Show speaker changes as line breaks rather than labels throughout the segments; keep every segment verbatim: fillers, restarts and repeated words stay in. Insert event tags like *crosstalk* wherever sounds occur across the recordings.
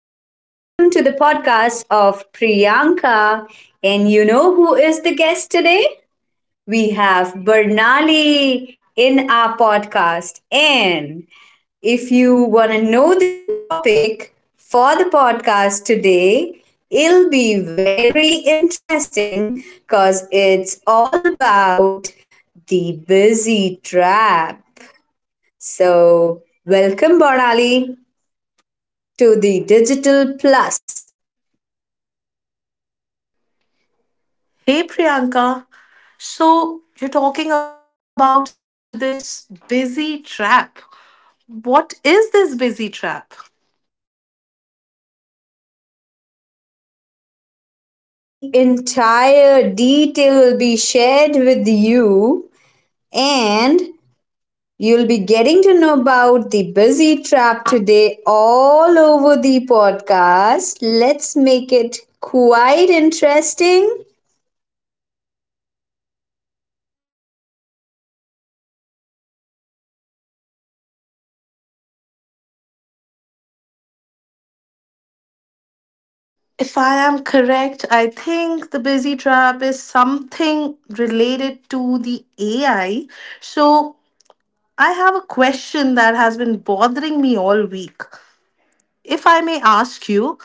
welcome to the podcast of Priyanka. And you know who is the guest today? We have Bernali in our podcast. And if you want to know the topic for the podcast today, it'll be very interesting because it's all about the busy trap. So, welcome, Bernali, to the digital plus.
Hey Priyanka, so you're talking about this busy trap. What is this busy trap?
Hmm. Is the entire detail will be shared with you and you'll be getting to know about the busy trap today all over the podcast. Let's make it quite interesting.
If I am correct, I think the busy trap is something related to the A I. So I have a question that has been bothering me all week. If I may ask you,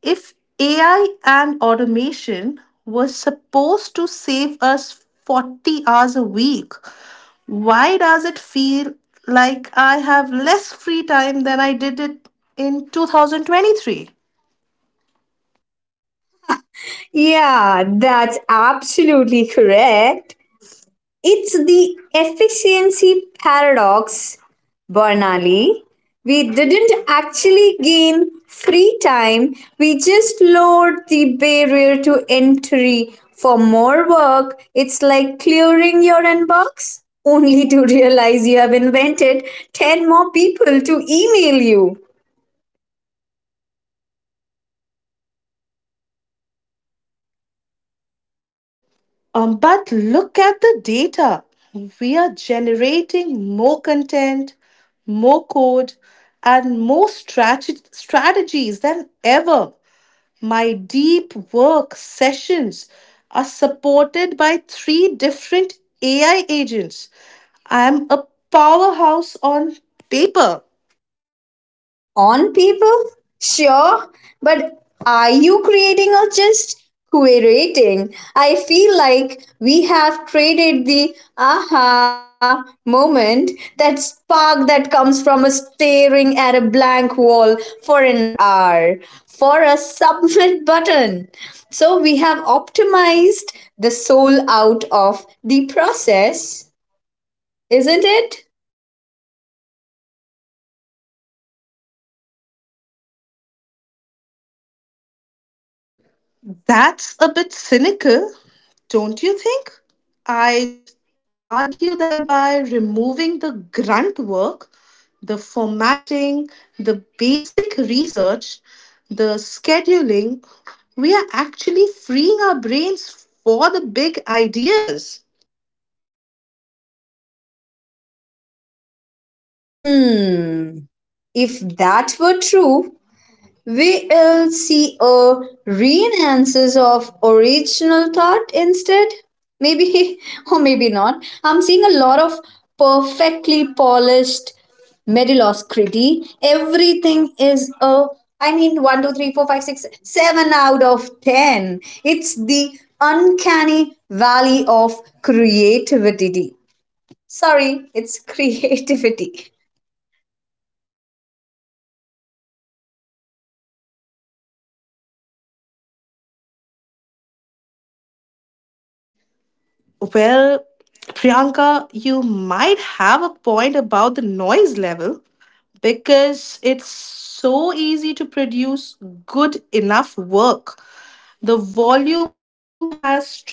if A I and automation was supposed to save us forty hours a week, why does it feel like I have less free time than I did it in two thousand twenty-three?
Yeah, that's absolutely correct. It's the efficiency paradox, Bernali. We didn't actually gain free time, we just lowered the barrier to entry for more work. It's like clearing your inbox, only to *laughs* realize you have invented ten more people to email you.
Um, but look at the data. We are generating more content, more code, and more strat- strategies than ever. My deep work sessions are supported by three different A I agents. I am a powerhouse on paper.
On people? Sure, but are you creating or just curating? I feel like we have traded the aha moment, that spark that comes from a staring at a blank wall for an hour, for a submit *laughs* button. So we have optimized the soul out of the process, isn't it?
That's a bit cynical, don't you think? I'd argue that by removing the grunt work, the formatting, the basic research, the scheduling, we are actually freeing our brains for the big ideas.
Hmm. If that were true, we will see a renaissance of original thought instead. Maybe, *laughs* or maybe not. I'm seeing a lot of perfectly polished mediocrity. Everything is a I mean one, two, three, four, five, six, seven out of ten. It's the uncanny valley of creativity. Sorry, it's *laughs* creativity.
Well, Priyanka, you might have a point about the noise level because it's so easy to produce good enough work. The volume has tripled.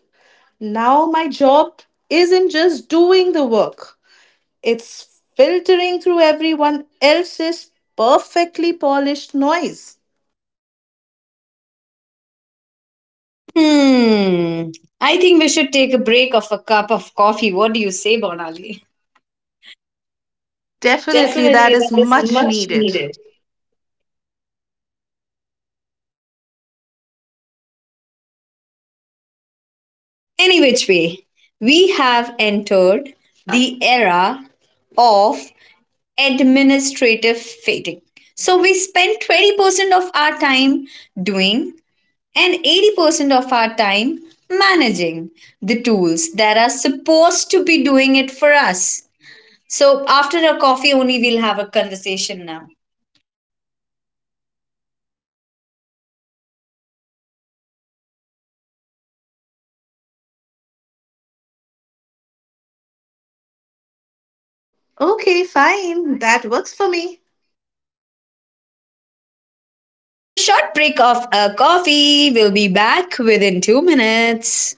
Now my job isn't just doing the work, it's filtering through everyone else's perfectly polished noise.
Hmm. I think we should take a break of a cup of coffee. What do you say, Bonali? Definitely,
Definitely,
that
that
is
is
much
much
needed.
needed.
Any which way, we have entered the era of administrative fatigue. So we spend twenty percent of our time doing and eighty percent of our time managing the tools that are supposed to be doing it for us. So after a coffee only we'll have a conversation now.
Okay, fine. That works for me.
So, after a short break of a coffee, we'll be back within two minutes.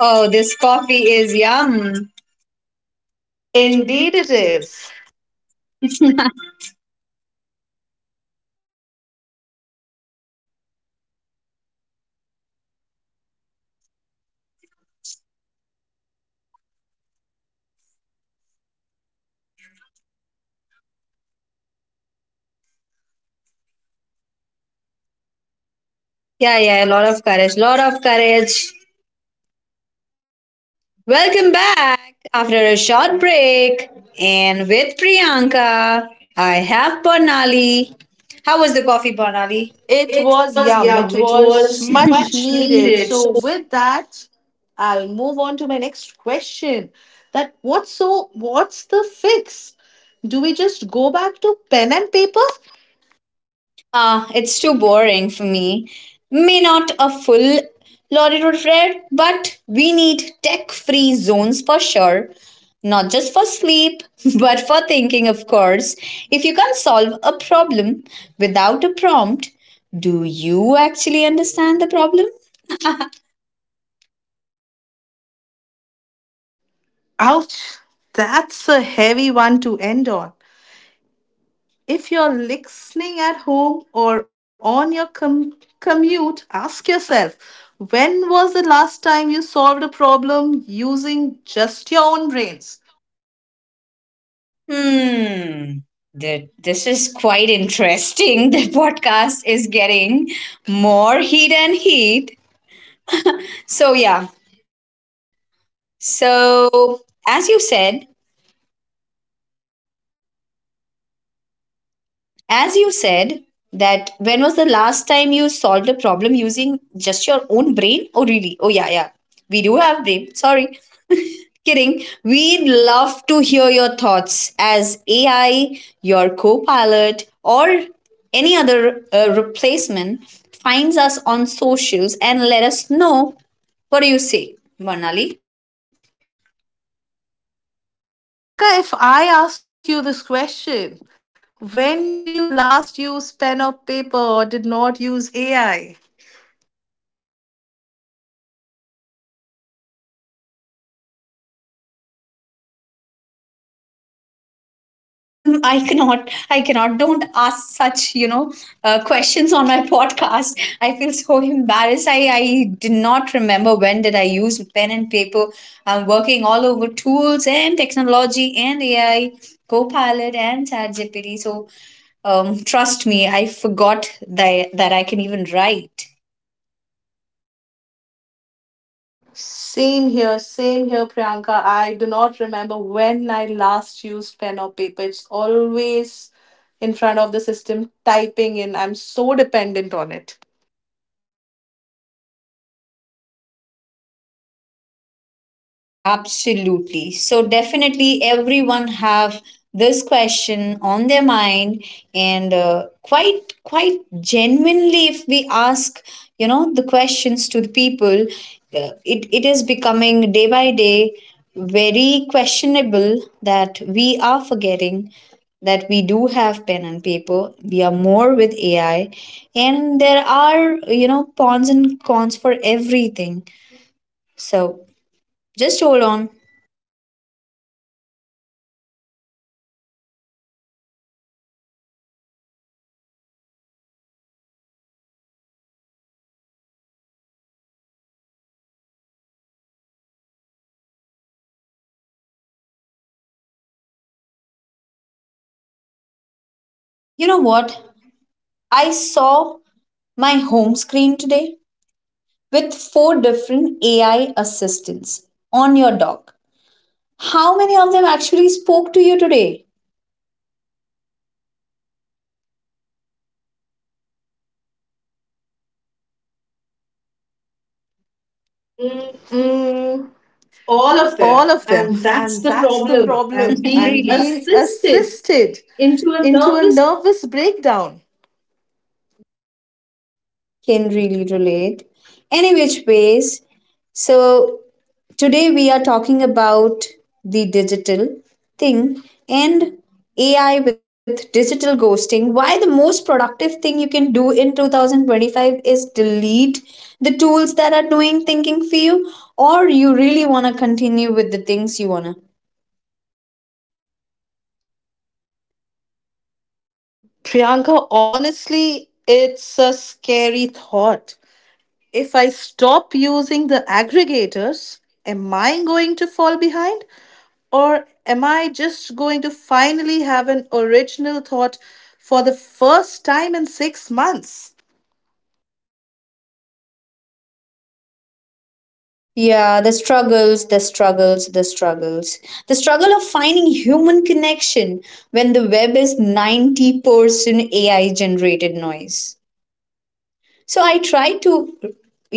Oh, this coffee is yum.
Indeed,
Indeed.
it is.
*laughs* Yeah, yeah, a lot of courage, lot of courage. Welcome back after a short break. And with Priyanka, I have Barnali. How was the coffee, Barnali?
It
It
was
was
yum. It
yum. It
was
was *laughs*
much
much
needed.
needed.
So
So.
with that, I'll move on to my next question. That what's so what's the fix? Do we just go back to pen and paper?
Ah, it's too boring for me. May not a full lorry road fare, but we need tech free zones for sure. Not just for sleep, *laughs* but for thinking, of course. If you can't solve a problem without a prompt, do you actually understand the problem?
Ouch. That's a heavy one to end on. If you're listening at home or on your com- commute, ask yourself, when was the last time you solved a problem using just your own brains?
Hmm. Th- This is quite interesting. *laughs* The podcast is getting more heat and heat. So, yeah. So, as you said, as you said, that when was the last time you solved a problem using just your own brain? Oh, really? Oh, yeah, yeah. We do have brain. Sorry. *laughs* Kidding. We'd love to hear your thoughts as A I, your co pilot, or any other uh, replacement finds us on socials and let us know what do you say, Varnali?
So, Priyanka, if I ask you this question, when did you last use pen or paper or did not use A I?
M- m- m- I cannot. I cannot. Don't ask such, you know, uh, questions on my *laughs* podcast. I feel so embarrassed. I, I did not remember when did I use pen and paper. I'm working all over tools and technology and A I, Copilot and ChatGPT. So um, trust me, I forgot that that I can even write.
Same here, same here, Priyanka. I do not remember when I last used pen or paper. It's always in front of the system typing in. I'm so dependent on it.
Yeah, absolutely. So definitely everyone have this question on their mind and uh, quite quite genuinely if we ask, you know, the questions to the people, uh, it, it is becoming day by day very questionable that we are forgetting that we do have pen and paper. We are more with AI, and there are, you know, pawns and cons for everything, so just hold on. You know what? I saw my home screen today with four different A I assistants on your dock. How many of them actually spoke to you today? Mm,
Mm,
all of them.
all of them.
And that's
And
the
that's the
problem. I'm *laughs*
problem. I'm
being Really?
being
Assisted
assisted
into a
into a
nervous.
nervous breakdown.
Yeah, can really relate. Any which ways, so today we are talking about the digital thing and A I with digital ghosting. Why the most productive thing you can do in twenty twenty-five is delete the tools that are doing thinking for you, or you really want to continue with the things you want to.
Priyanka, honestly, it's a scary thought. If I stop using the aggregators, am I going to fall behind? Or am I just going to finally have an original thought for the first time in six months?
Yeah, the struggles, the struggles, the struggles. The struggle of finding human connection when the web is ninety percent A I generated noise. So I try to,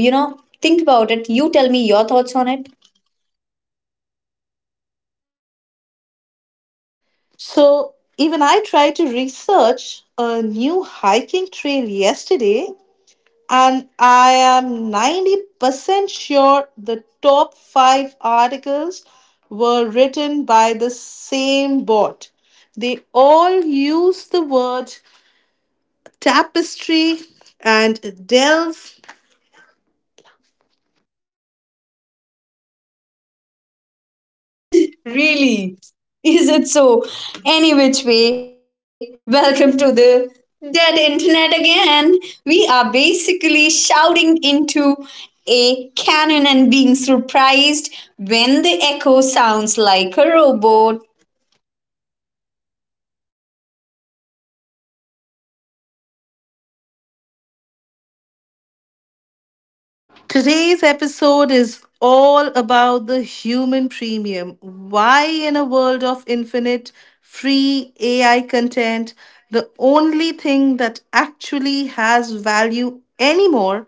you know, think about it. You tell me your thoughts on it.
So, even I tried to research a new hiking trail yesterday and I am ninety percent sure the top five articles were written by the same bot. They all use the word tapestry and delve.
Really? Is it so? Any which way, welcome to the dead internet again. We are basically shouting into a cannon and being surprised when the echo sounds like a robot.
Today's episode is all about the human premium. Why, in a world of infinite free A I content, the only thing that actually has value anymore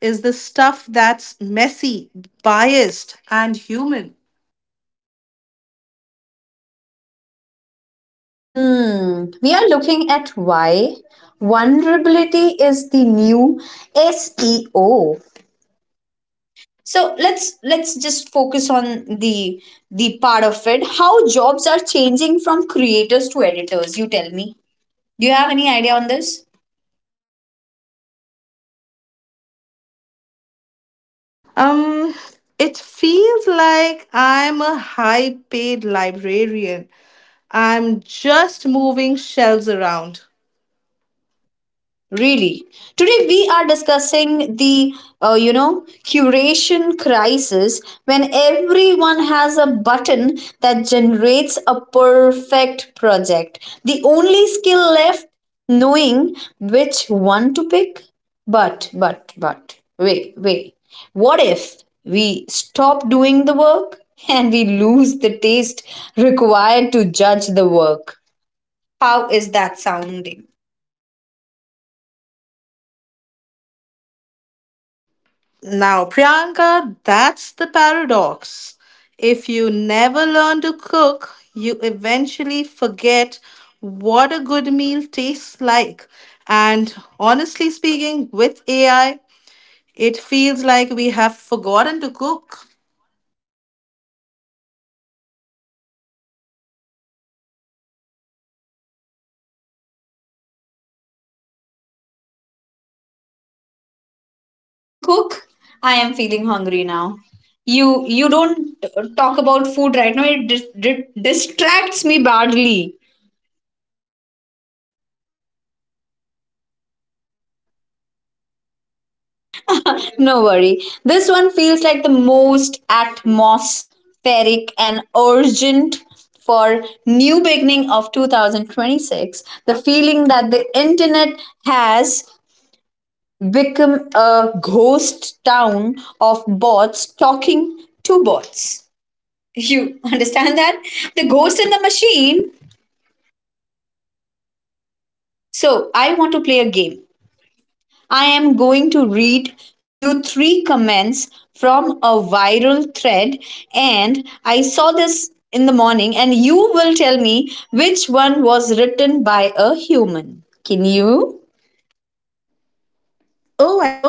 is the stuff that's messy, biased, and human.
Hmm, we are looking at why vulnerability is the new S E O. So let's let's just focus on the the part of it. How jobs are changing from creators to editors. You tell me, do you have any idea on this?
Um, it feels like I'm a high paid librarian. I'm just moving shelves around.
Really. Today we are discussing the uh, you know, curation crisis when everyone has a button that generates a perfect project. The only skill left, knowing which one to pick. But but but wait wait. What if we stop doing the work *laughs* and we lose the taste required to judge the work? How is that sounding?
Now, Priyanka, that's the paradox. If you never learn to cook, you eventually forget what a good meal tastes like. And honestly speaking, with A I, it feels like we have forgotten to cook.
Mm, cook, I am feeling hungry now. You you don't uh, talk about food right now. It dis- di- distracts me badly.
Oh, I'm so sorry about it.
No worry. This one feels like the most atmospheric and urgent for new beginning of twenty twenty-six. The feeling that the internet has become a ghost town of bots talking to bots. You *laughs* understand that? The ghost in the machine. So, I want to play a game. I am going to read you three comments from a viral thread, and I saw this in the morning, and you will tell me which one was written by a human. Can you?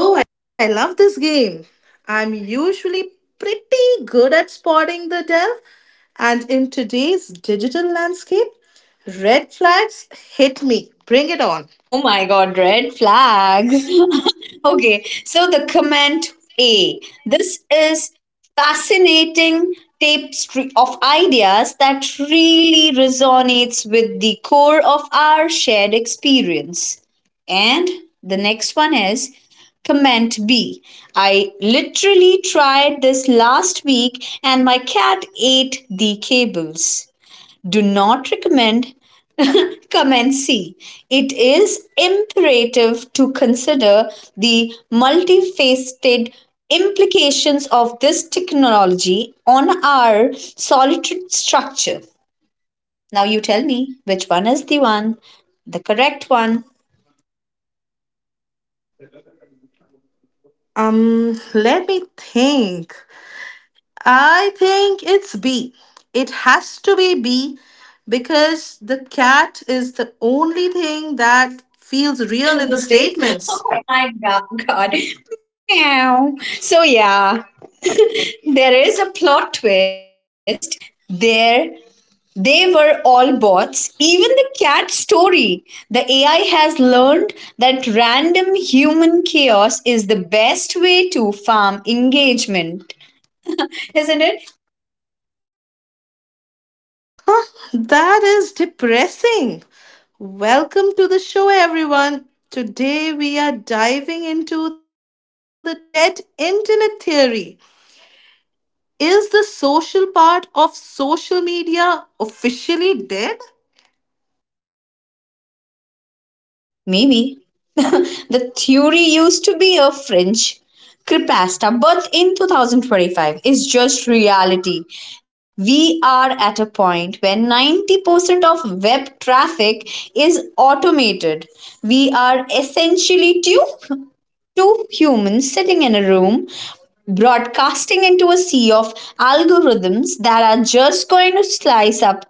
Oh, I
Oh.
love this game. I'm usually pretty good at spotting the dev, and in today's digital landscape, red flags hit me. Bring it on.
Oh my god, red flags. *laughs* Okay, so the comment A. This is fascinating tapestry of ideas that really resonates with the core of our shared experience. And the next one is comment B. I literally tried this last week and my cat ate the cables. Do not recommend. Come and see. It is imperative to consider the multifaceted implications of this technology on our solitary structure. Now, you tell me which one is the one, the correct one.
Um, let me think. I think it's B. It has to be B because the cat is the only thing that feels real
Real
in the
in the
statements.
statements. *laughs* Oh my god, god. Meow. So yeah, there is a plot twist there. They were all bots, even the cat story. The A I has learned that random human chaos is the best way to farm engagement, isn't it?
That is depressing. Welcome to the show, everyone. Today we are diving into the dead internet theory. Is the social part of social media officially dead?
Maybe. *laughs* The theory used to be a French creepypasta, but in twenty twenty-five is just reality. We are at a point where ninety percent of web traffic is automated. We are essentially too two humans sitting in a room, broadcasting into a sea of algorithms that are just going to slice up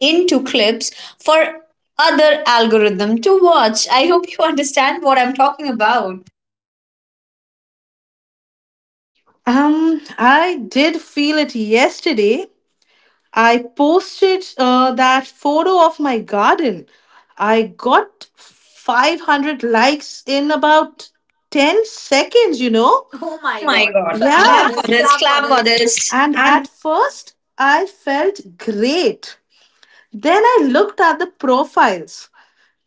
into clips for other algorithm to watch. I hope you understand what I'm talking about.
Um, I did feel it yesterday. I posted uh, that photo of my garden. I got five hundred likes in about ten seconds, you know? Oh
Oh
my
my
god. *laughs* Clap for
god.
yeah,
Clap for
this,
this,
clap for
clap for
this.
this.
And
And
at first, I felt great. Then I looked at the profiles.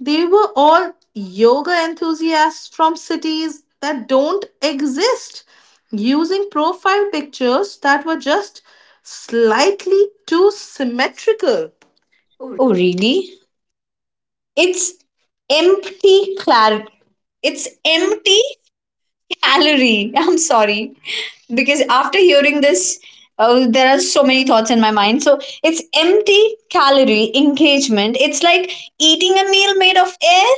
They were all yoga enthusiasts from cities that don't exist, using profile pictures that were just slightly too symmetrical.
oh really? It's empty clar it's empty calorie. *laughs* I'm sorry. Because after hearing this, uh, there are so many thoughts in my mind. So it's empty calorie engagement. It's like eating a meal made of air.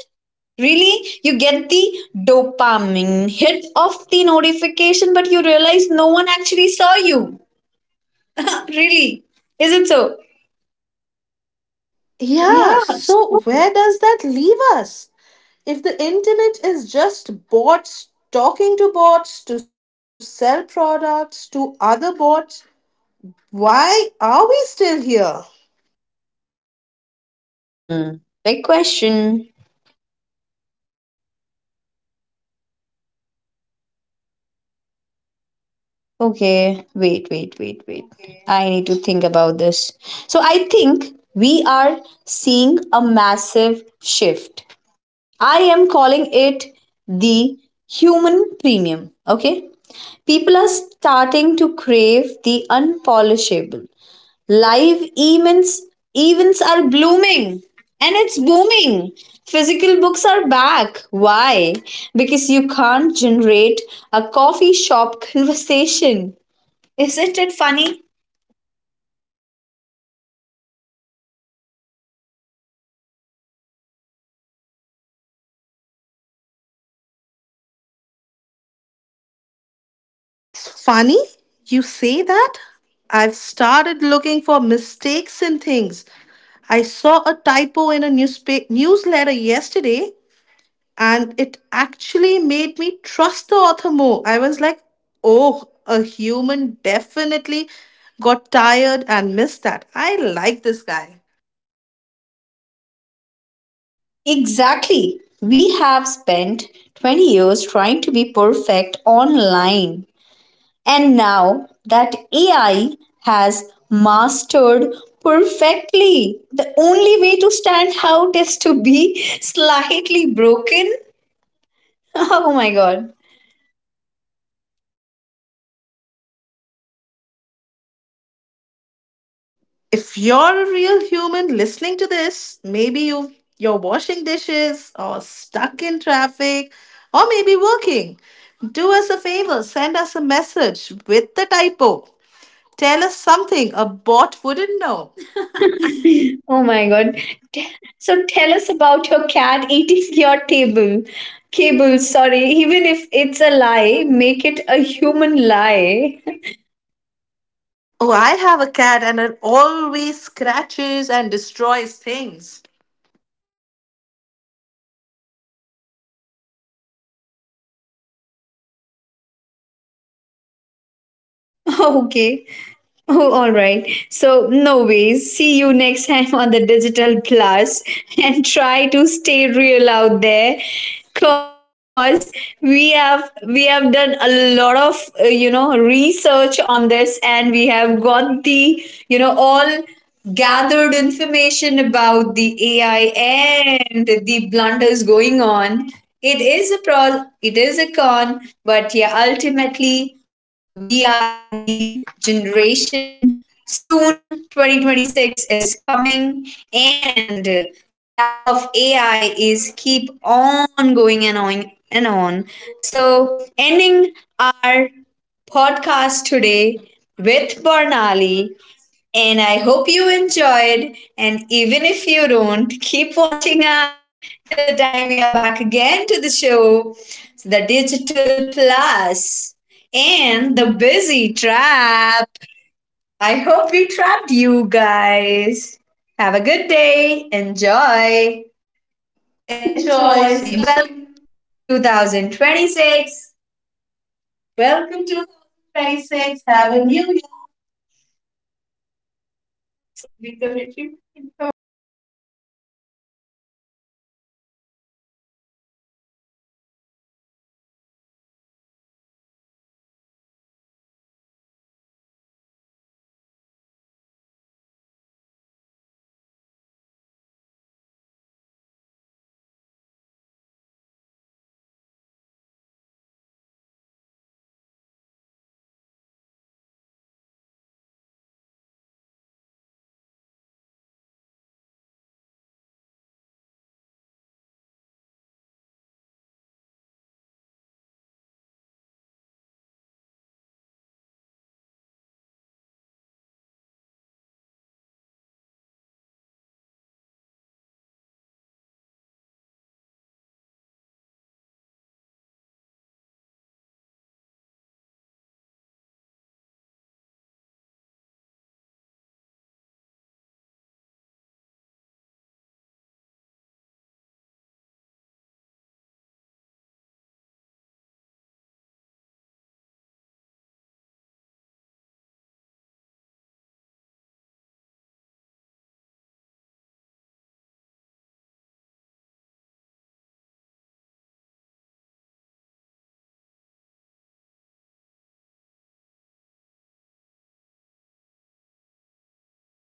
Really? You get the dopamine hit of the notification, but you realize no one actually saw you. *laughs* Really? Is it so?
Yeah,
Yeah.
so where does that leave us? If the internet is just bots talking to bots to sell products to other bots, why are we still here?
Hmm. Big question. Okay, wait, wait, wait, wait. I need to think about this. So I think we are seeing a massive shift. I am calling it the human premium. Okay? People are starting to crave the unpolishable. Live events events are blooming and it's booming. Physical books are back. Why? Because you can't generate a coffee shop *laughs* conversation. Isn't it funny?
It's funny you say that. I've started looking for mistakes in things. I saw a typo in a newspaper newsletter yesterday and it actually made me trust the author more. I was like, "Oh, a human definitely got tired and missed that. I like this guy."
Exactly. We have spent twenty years trying to be perfect online. And now that A I has mastered perfectly, the only way to stand out is to be *laughs* slightly broken. *laughs* Oh my god.
If you're a real human listening to this, maybe you you're washing dishes or stuck in traffic or maybe working. Do us a favor, send us a message with the typo. Tell us something a bot wouldn't know.
Oh my god. Te- So tell us about your cat eating *laughs* your table. Cable, sorry. Even if it's a lie, make it a human lie.
Oh, I have a cat and it always scratches and destroys things.
*laughs* Okay. *laughs* Oh, all right. So, no ways. See you next time on the Digital Plus *laughs* and try to stay real out there, because we have we have done a lot of uh, you know, research on this and we have got the, you know, all gathered information about the A I and the blunders going on. It is a pro, it is a con, but yeah, ultimately we are in the generation. Soon, twenty twenty-six is coming, and the tag of A I is keep on going and on and on. So, ending our podcast today with Barnali, and I hope you enjoyed. And even if you don't, keep watching us till the time we are back again to the show, the Digital Plus and the Busy Trap. I hope we trapped you guys. Have a good day. Enjoy.
Enjoy. See you soon.
Enjoy. Welcome twenty twenty-six. Welcome to twenty twenty-six. Have a new year. Reconnecting. Bye. Bye bye. तुम मेरे को निकाल दे वापस भाई अगर ये record नहीं हुआ है हम और नहीं करेंगे हम नहीं करेंगे इसका फोटो इसका फोटो लेकर सर को भेज दे